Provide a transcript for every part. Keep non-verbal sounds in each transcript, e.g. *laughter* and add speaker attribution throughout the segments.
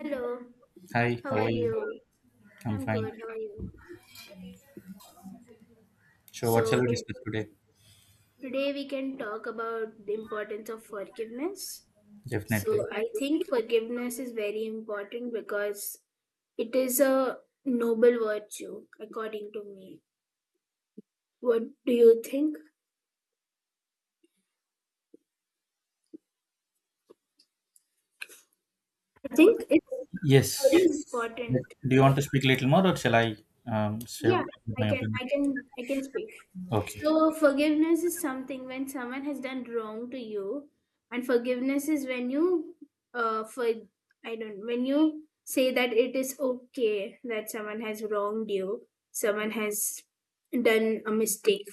Speaker 1: Hello,
Speaker 2: Hi,
Speaker 1: how are
Speaker 2: how are you?
Speaker 1: You? So,
Speaker 2: I'm
Speaker 1: I'm
Speaker 2: fine.
Speaker 1: good, how are you?
Speaker 2: So, what shall
Speaker 1: So,
Speaker 2: we
Speaker 1: to-
Speaker 2: discuss today?
Speaker 1: today we can talk about the importance of forgiveness.
Speaker 2: Definitely.
Speaker 1: So, I think forgiveness is very important because it is a noble virtue, according to me. What do you think? I think it's very
Speaker 2: Yes.
Speaker 1: Yes. Important.
Speaker 2: Do you want to speak a little more, or shall I share
Speaker 1: Yeah, I
Speaker 2: my
Speaker 1: can,
Speaker 2: opinion?
Speaker 1: I can, I can speak.
Speaker 2: Okay.
Speaker 1: So forgiveness is something when someone has done wrong to you, and forgiveness is when you, for I don't when you say that it is okay that someone has wronged you, someone has done a mistake,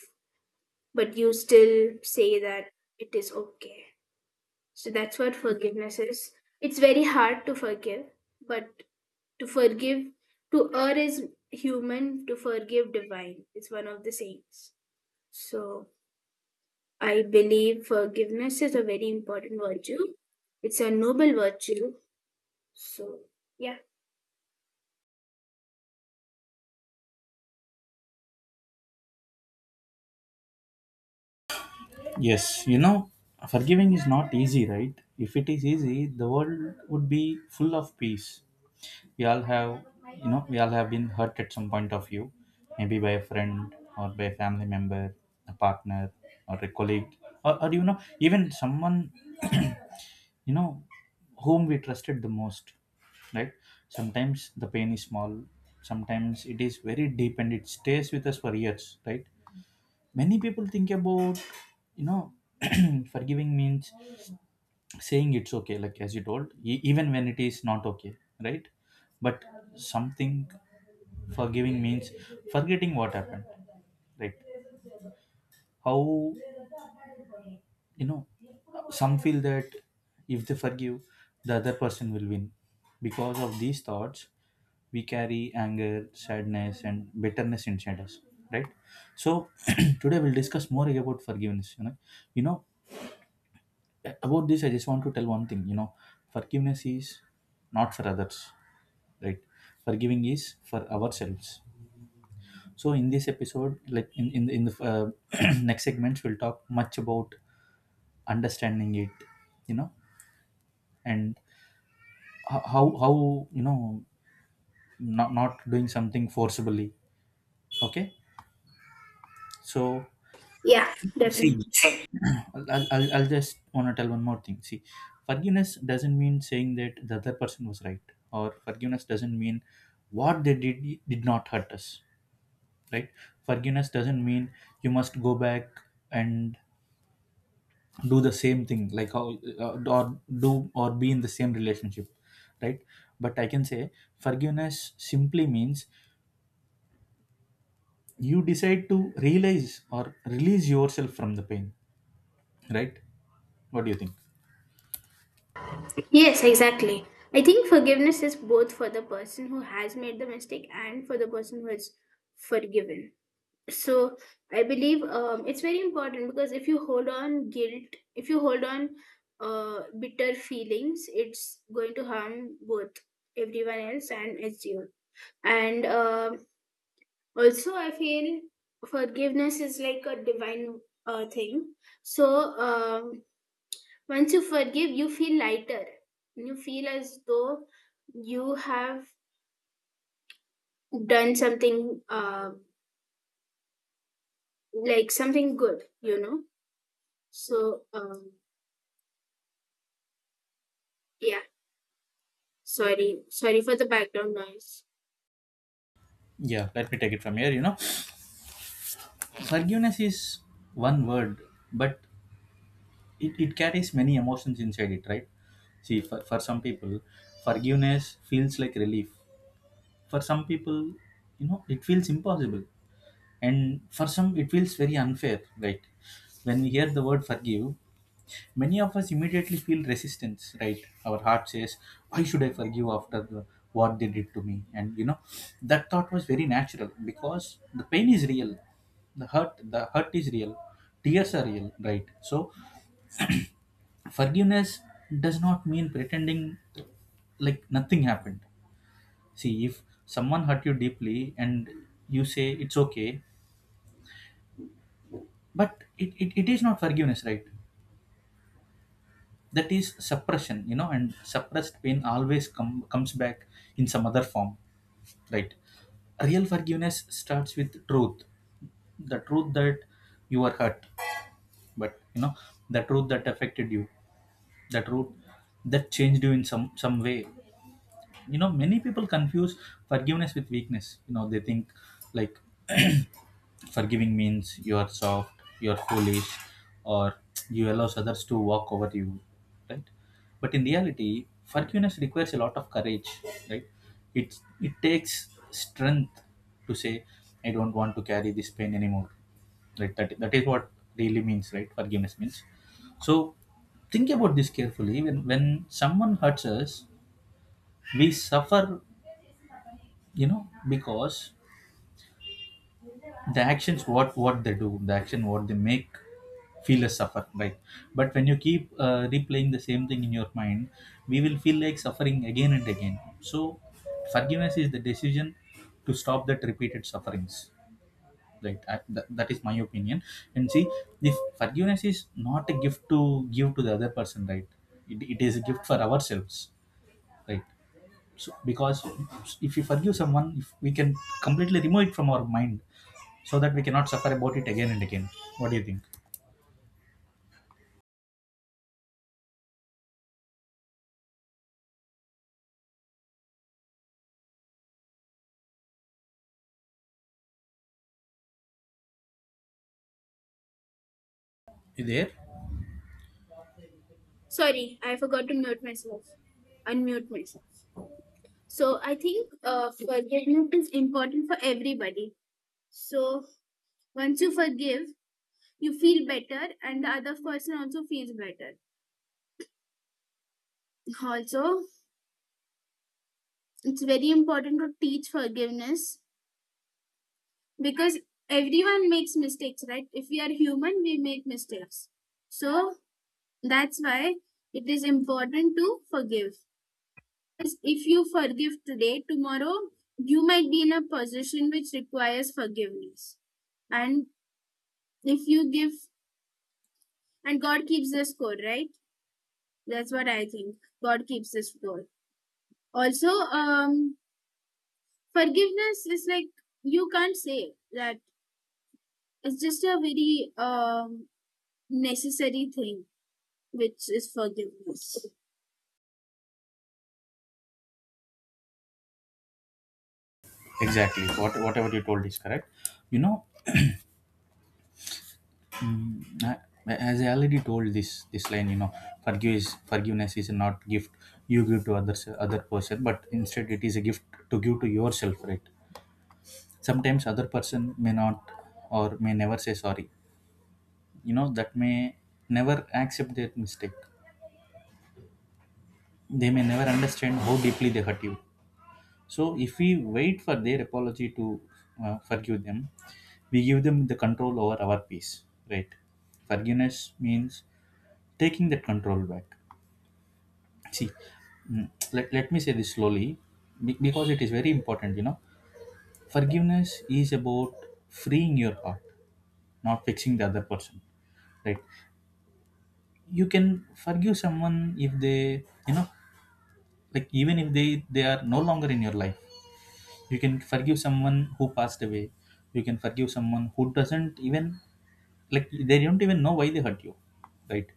Speaker 1: but you still say that it is okay. So that's what forgiveness is. It's very hard to forgive, but to forgive, to err is human, to forgive divine. It's one of the sayings. So I believe forgiveness is a very important virtue. It's a noble virtue. So yeah,
Speaker 2: Yes. You know, forgiving is not easy, right? If it is easy, the world would be full of peace. We all have, we all have been hurt at some point of view, maybe by a friend or by a family member, a partner, or a colleague, or even someone you know whom we trusted the most, right? Sometimes the pain is small, sometimes it is very deep and it stays with us for years, right? Many people think about, you know *clears throat* forgiving means saying it's okay, like as you told, even when it is not okay, right? But something, forgiving means forgetting what happened, right? How, you know, some feel that if they forgive, the other person will win. Because of these thoughts, we carry anger, sadness and bitterness inside us, right? So *clears throat* today we'll discuss more about forgiveness. You know about this, I just want to tell one thing, forgiveness is not for others, right? Forgiving is for ourselves. So in this episode, like in the *clears throat* next segments we'll talk much about understanding it, you know, and how, you know not doing something forcibly. Okay. So
Speaker 1: Yeah, definitely.
Speaker 2: see, *clears throat* I'll just want to tell one more thing. See, forgiveness doesn't mean saying that the other person was right, or forgiveness doesn't mean what they did not hurt us, right? Forgiveness doesn't mean you must go back and do the same thing, like how or do or be in the same relationship, right? But I can say forgiveness simply means you decide to realize or release yourself from the pain, right? What do you think?
Speaker 1: Yes, exactly. I think forgiveness is both for the person who has made the mistake and for the person who is forgiven. So I believe it's very important because if you hold on guilt, if you hold on bitter feelings, it's going to harm both everyone else and it's you. And also, I feel forgiveness is like a divine thing. So um, once you forgive, you feel lighter. You feel as though you have done something, like something good, you know? So, yeah, sorry. Sorry for the background noise.
Speaker 2: Yeah, let me take it from here. You know, forgiveness is one word, but it carries many emotions inside it, right? See, for some people forgiveness feels like relief, for some people, you know, it feels impossible, and for some it feels very unfair, right? When we hear the word forgive, many of us immediately feel resistance, right? Our heart says, why should I forgive after what they did to me? And you know, that thought was very natural, because the pain is real, the hurt is real, tears are real, right? So forgiveness does not mean pretending like nothing happened. See, if someone hurt you deeply and you say it's okay, but it is not forgiveness, right? That is suppression, you know, and suppressed pain always comes back in some other form, right? Real forgiveness starts with truth, the truth that you were hurt. But you know, the truth that affected you, the truth that changed you in some way. You know, many people confuse forgiveness with weakness. You know, they think like forgiving means you are soft, you are foolish, or *tsk* you allows others to walk over you, right? But in reality, forgiveness requires a lot of courage, right? It takes strength to say, I don't want to carry this pain anymore. Right? That is what really means, right? Forgiveness means. So think about this carefully. When someone hurts us, we suffer, you know, because the actions what they do, the action what they make feel us suffer, right? But when you keep replaying the same thing in your mind, we will feel like suffering again and again. So forgiveness is the decision to stop that repeated sufferings, right? That is my opinion. And see, if forgiveness is not a gift to give to the other person, right? It is a gift for ourselves, right? So, because if we forgive someone, if we can completely remove it from our mind, so that we cannot suffer about it again and again. What do you think? You there?
Speaker 1: Sorry, I forgot to mute myself, unmute myself. So, I think forgiveness is important for everybody. So, once you forgive, you feel better, and the other person also feels better. Also, it's very important to teach forgiveness because everyone makes mistakes, right? If we are human, we make mistakes. So that's why it is important to forgive, because if you forgive today, tomorrow you might be in a position which requires forgiveness. And if you give, and God keeps the score, right? That's what I think. God keeps the score. Also, um forgiveness is like, you can't say that it's just a very necessary thing, which is forgiveness.
Speaker 2: Exactly, what whatever you told is correct. You know, mm, I- as I already told this line, you know, forgiveness is not gift you give to others, other person, but instead it is a gift to give to yourself, right? Sometimes other person may not, or may never say sorry. You know, that may never accept their mistake. They may never understand how deeply they hurt you. So if we wait for their apology to forgive them, we give them the control over our peace, right? Forgiveness means taking that control back. See, let, let me say this slowly, because it is very important, you know. Forgiveness is about freeing your heart, not fixing the other person, right? You can forgive someone if they, you know, like even if they are no longer in your life. You can forgive someone who passed away. You can forgive someone who doesn't even, like they don't even know why they hurt you, right?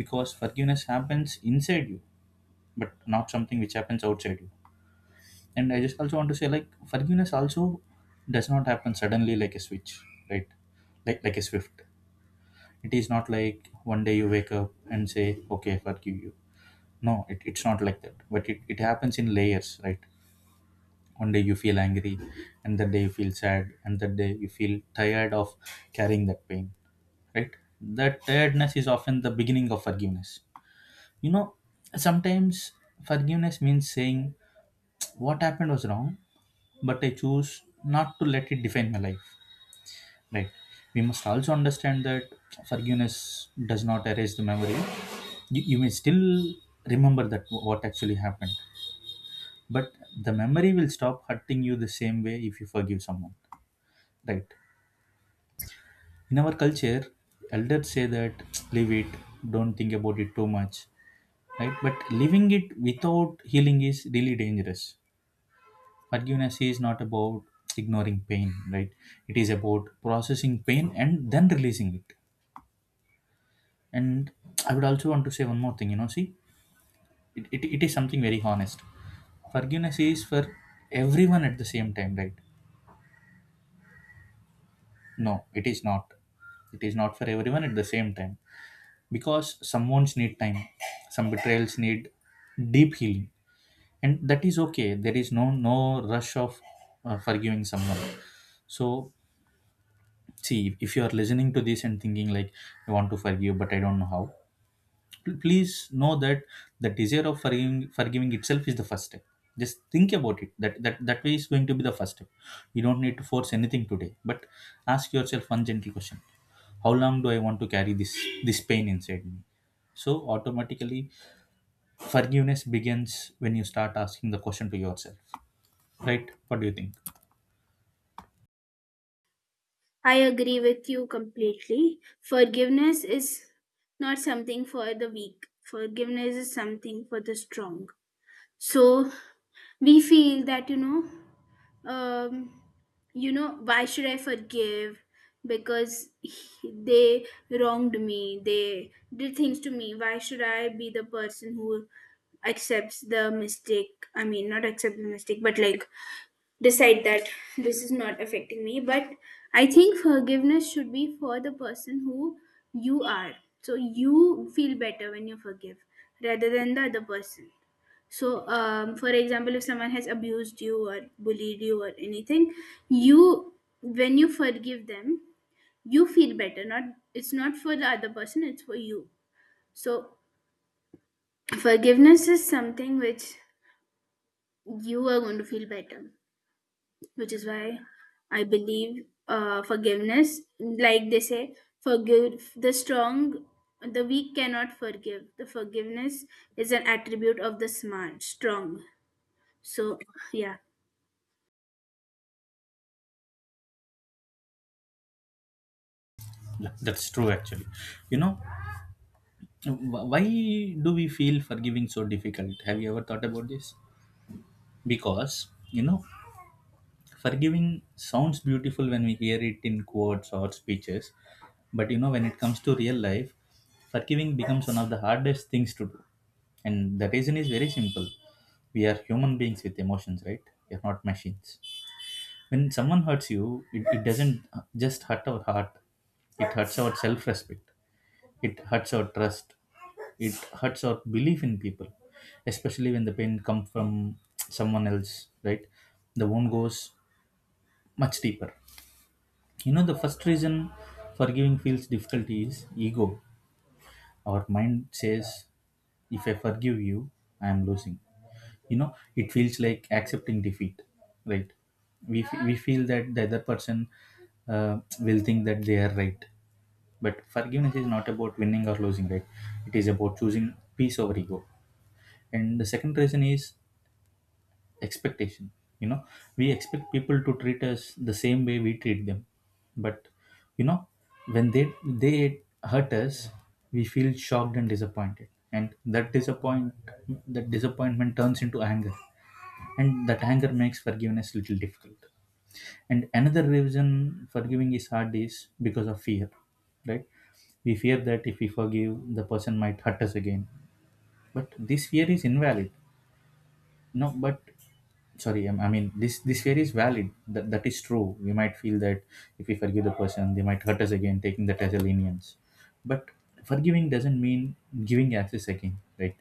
Speaker 2: Because forgiveness happens inside you, but not something which happens outside you. And I just also want to say, like forgiveness also does not happen suddenly like a switch, right? Like a swift. It is not like one day you wake up and say, okay, I forgive you. No, it's not like that. But it happens in layers, right? One day you feel angry, and that day you feel sad, and that day you feel tired of carrying that pain, right? That tiredness is often the beginning of forgiveness. You know, sometimes forgiveness means saying what happened was wrong, but I choose not to let it define my life, right? We must also understand that forgiveness does not erase the memory. You may still remember that what actually happened, but the memory will stop hurting you the same way if you forgive someone, right? In our culture, elders say that *tsk* leave it, don't think about it too much, right? But leaving it without healing is really dangerous. Forgiveness is not about *tsk* ignoring pain, right? It is about processing pain and then releasing it. And *tsk* I would also want to say one more thing, you know. See, it is something very honest. Forgiveness is for everyone at the same time, right? No, it is not, it is not for everyone at the same time, because some wounds need time, some betrayals need deep healing, and that is okay. There is no rush of forgiving someone. So see, if you are listening to this and thinking like, I want to forgive but I don't know how, please know that the desire of forgiving itself is the first step. Just think about it, that that way is going to be the first step. You don't need to force anything today, but ask yourself one gentle question. How long do I want to carry this pain inside me? So automatically forgiveness begins when you start asking the question to yourself, right? What do you think?
Speaker 1: I agree with you completely. Forgiveness is not something for the weak, forgiveness is something for the strong. So we feel that, um, you know, why should I forgive? Because they wronged me, they did things to me. Why should I be the person who accepts the mistake? I mean, not accept the mistake, but like decide that this is not affecting me. But I think forgiveness should be for the person who you are. So you feel better when you forgive rather than the other person. So for example, if someone has abused you or bullied you or anything, you when you forgive them, you feel better. Not It's not for the other person, it's for you. So forgiveness is something which you are going to feel better, which is why I believe forgiveness, like they say, forgive the strong, the weak cannot forgive. The forgiveness is an attribute of the smart, strong. So, yeah.
Speaker 2: Yeah, that's true actually. You know, why do we feel forgiving so difficult? Have you ever thought about this? Because you know, forgiving sounds beautiful when we hear it in quotes or speeches, but you know, when it comes to real life, forgiving becomes one of the hardest things to do. And the reason is very simple, we are human beings with emotions, right? We are not machines. When someone hurts you, it doesn't just hurt our heart, it hurts our self-respect, it hurts our trust, it hurts our belief in people, especially when the pain comes from someone else, right? The wound goes much deeper. You know, the first reason forgiving feels difficult is ego. Our mind says, if I forgive you, I am losing. You know, it feels like accepting defeat, right? We feel that the other person will think that they are right. But forgiveness is not about winning or losing, right? It is about choosing peace over ego. And the second reason is expectation. You know, we expect people to treat us the same way we treat them. But you know, when they hurt us, we feel shocked and disappointed, and that disappointment turns into anger, and that anger makes forgiveness little difficult. And another reason forgiving is hard is because of fear, right? We fear that if we forgive, the person might hurt us again. But this fear is invalid. No, but sorry, I mean this fear is valid, that, that is true. We might feel that if we forgive, the person they might hurt us again, taking that as a lenience. But forgiving doesn't mean giving access again, right?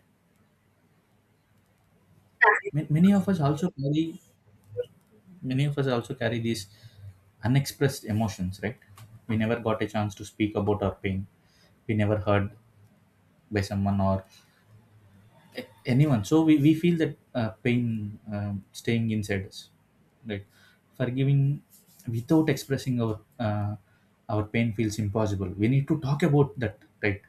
Speaker 2: Ma- many of us also carry many of us also carry these unexpressed emotions, right? We never got a chance to speak about Our pain, we never heard by someone or anyone. So we feel that pain staying inside us, right? Forgiving without expressing our pain feels impossible. We need to talk about that, right?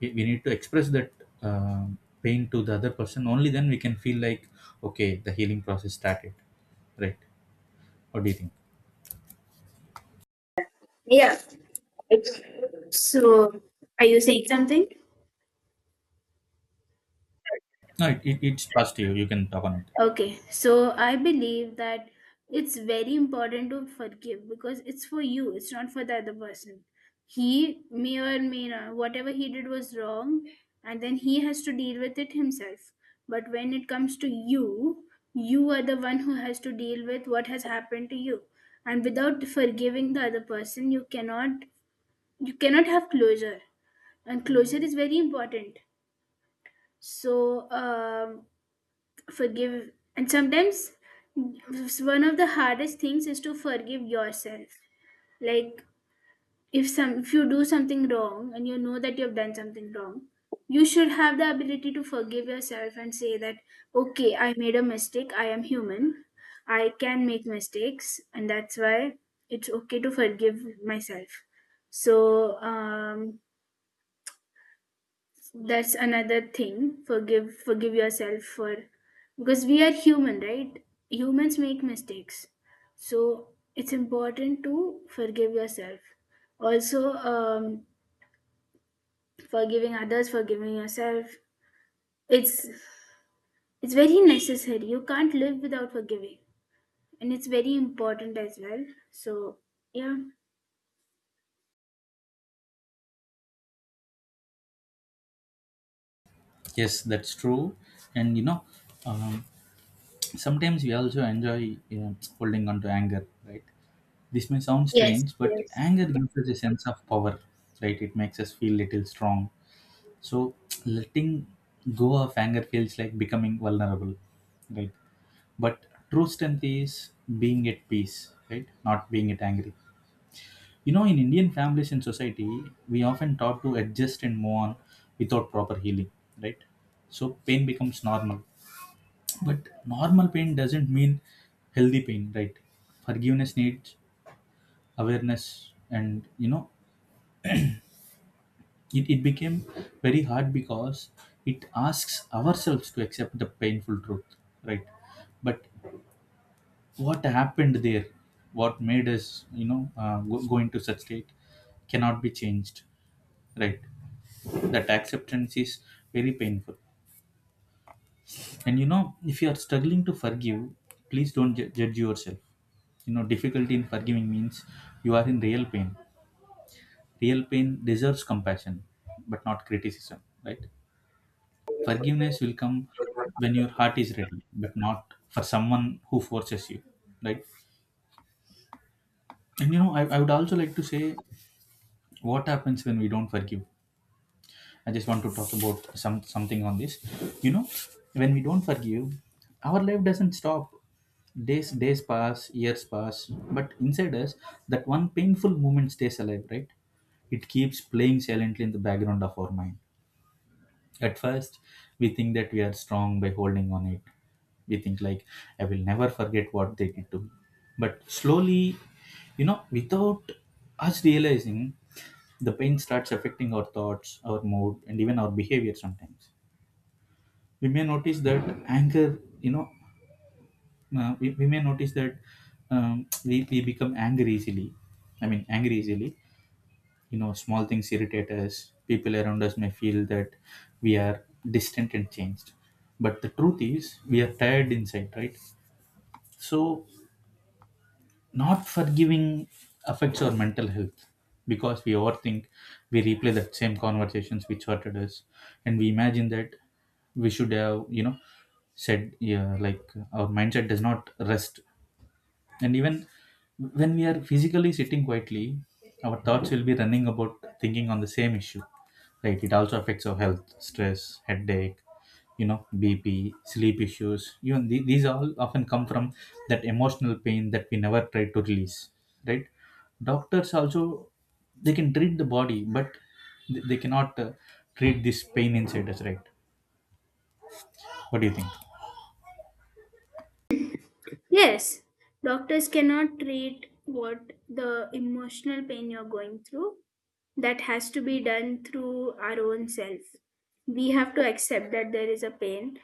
Speaker 2: We need to express that um pain to the other person. Only then we can feel like okay, the healing process started, right? What do you think?
Speaker 1: Yeah. So, are you saying something?
Speaker 2: No, it's positive. You can talk on it.
Speaker 1: Okay, so I believe that it's very important to forgive because it's for you, it's not for the other person. He may or may not, whatever he did was wrong, and then he has to deal with it himself. But when it comes to you, you are the one who has to deal with what has happened to you. And without forgiving the other person, you cannot have closure. And closure is very important. So forgive. And sometimes one of the hardest things is to forgive yourself. Like if some if you do something wrong and you know that you have done something wrong, you should have the ability to forgive yourself and say that okay, I made a mistake, I am human, I can make mistakes, and that's why it's okay to forgive myself. So that's another thing, forgive yourself, for because we are human, right? Humans make mistakes. So it's important to forgive yourself. Also, forgiving others, forgiving yourself, it's it's very necessary. You can't live without forgiving, and it's very important as well. So yeah.
Speaker 2: Yes, that's true. And you know, um, sometimes we also enjoy, you know, holding on to anger, right? This may sound
Speaker 1: Yes,
Speaker 2: strange, but anger gives us a sense of power, right? It makes us feel little strong. So letting go of anger feels like becoming vulnerable, right? But true strength is being at peace, right? Not being at angry. You know, in Indian families and society, we often taught to adjust and move on without proper healing, right? So pain becomes normal. But normal pain doesn't mean healthy pain, right? Forgiveness needs awareness, and you know, it became very hard because it asks ourselves to accept the painful truth, right? But what happened there, what made us, you know, go into such state cannot be changed, right? That acceptance is very painful. And you know, if you are struggling to forgive, please don't judge yourself. You know, difficulty in forgiving means you are in real pain. Real pain deserves compassion but not criticism, right? Forgiveness will come when your
Speaker 1: yes.
Speaker 2: heart is ready, but not for someone who forces you, right? And you know, I would also like to say what happens when we don't forgive. I just want to talk about some something on this. You know, when we don't forgive, our life doesn't stop. Days days pass, years pass, but inside us, that one painful moment stays alive, right? It keeps playing silently in the background of our mind. At first, we think that we are strong by holding on it. We think like I will never forget what they did to me. But slowly, you know, without us realizing, the pain starts affecting our thoughts, our mood, and even our behavior. Sometimes we may notice that anger, you know, we may notice that we become angry easily. I mean angry easily. You know, small things irritate us. People around us may feel that we are distant and changed, but the truth is we are tired inside, right? So not forgiving affects our mental health because we overthink. We replay that same conversations which hurted us, and we imagine that we should have, you know, said yeah, like our mindset does not rest. And even when we are physically sitting quietly, our thoughts will be running about, thinking on the same issue, right? It also affects our health. Stress, headache, you know, bp, sleep issues, even these all often come from that emotional pain that we never try to release, right? Doctors also, they can treat the body, but they cannot treat this pain inside us, right? What do you think?
Speaker 1: Yes, doctors cannot treat what the emotional pain you're going through. That has to be done through our own self. We have to accept that there is a pain,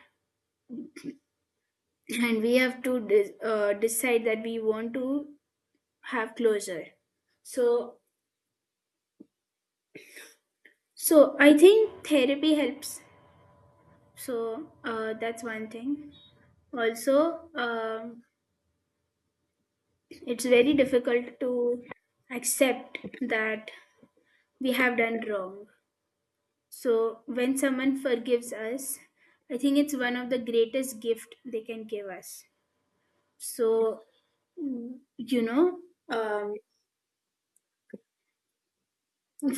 Speaker 1: and we have to decide that we want to have closure. So, so I think therapy helps. So, that's one thing. Also, it's very difficult to accept that we have done wrong. So when someone forgives us, I think it's one of the greatest gift they can give us. So you know, um,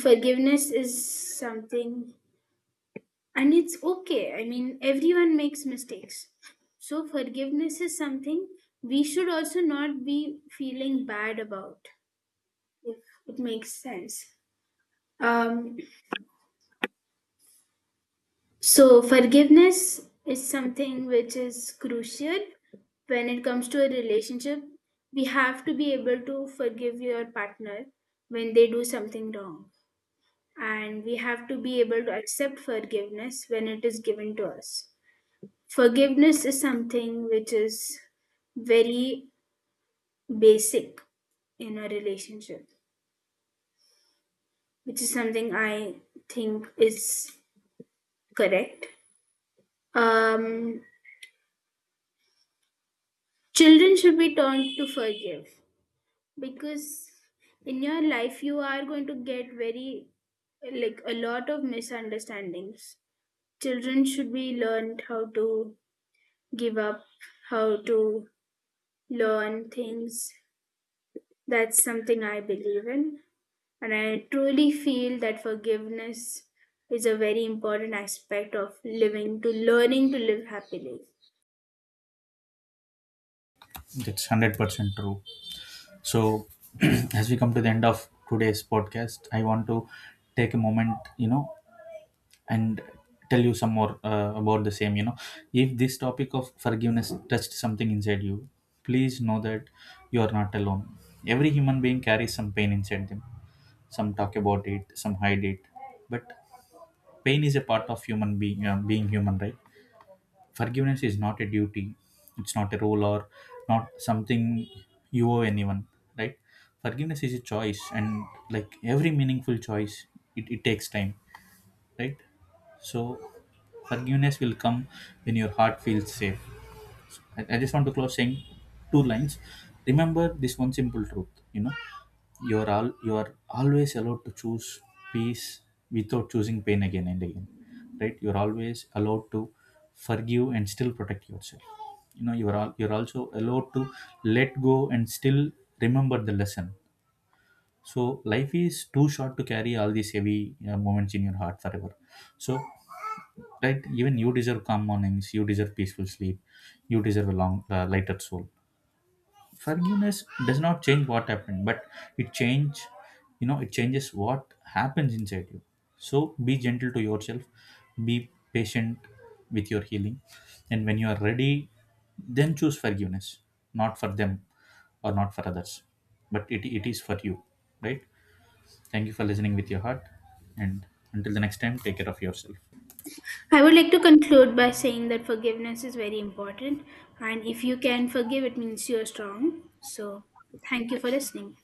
Speaker 1: forgiveness is something, and it's okay. I mean, everyone makes mistakes. So forgiveness is something we should also not be feeling bad about, if it makes sense. Um, So forgiveness is something which is crucial when it comes to a relationship. We have to be able to forgive your partner when they do something wrong, and we have to be able to accept forgiveness when it is given to us. Forgiveness is something which is very basic in a relationship, which is something I think is correct. Um, children should be taught to forgive, because in your life you are going to get very, like, a lot of misunderstandings. Children should be learned how to give up, how to learn things. That's something I believe in, and I truly feel that forgiveness is a very important aspect of living, to learning to live happily.
Speaker 2: That's 100% true. So, *clears throat* as we come to the end of today's podcast, I want to take a moment, you know, and tell you some more about the same. You know, if this topic of forgiveness touched something inside you, please know that you are not alone. Every human being carries some pain inside them. Some talk about it, some hide it, but pain is a part of human being, being human, right? Forgiveness is not a duty, it's not a role or not something you owe anyone, right? Forgiveness is a choice, and like every meaningful choice, it takes time, right? So, forgiveness will come when your heart feels safe. I just want to close saying 2 lines. Remember this one simple truth, you know, you are always allowed to choose peace without choosing pain again and again. Right? You're always allowed to forgive and still protect yourself. You know, you're also allowed to let go and still remember the lesson. So life is too short to carry all these heavy moments in your heart forever. So right, even you deserve calm mornings, you deserve peaceful sleep, you deserve a long lighter soul. Forgiveness does not change what happened, but it change, you know, it changes what happens inside you. So be gentle to yourself, be patient with your healing, and when you are ready, then choose forgiveness. Not for them or not for others, but it is for you, right? Thank you for listening with your heart, and until the next time, take care of yourself.
Speaker 1: I would like to conclude by saying that forgiveness is very important, and if you can forgive, it means you're strong. So thank you for listening.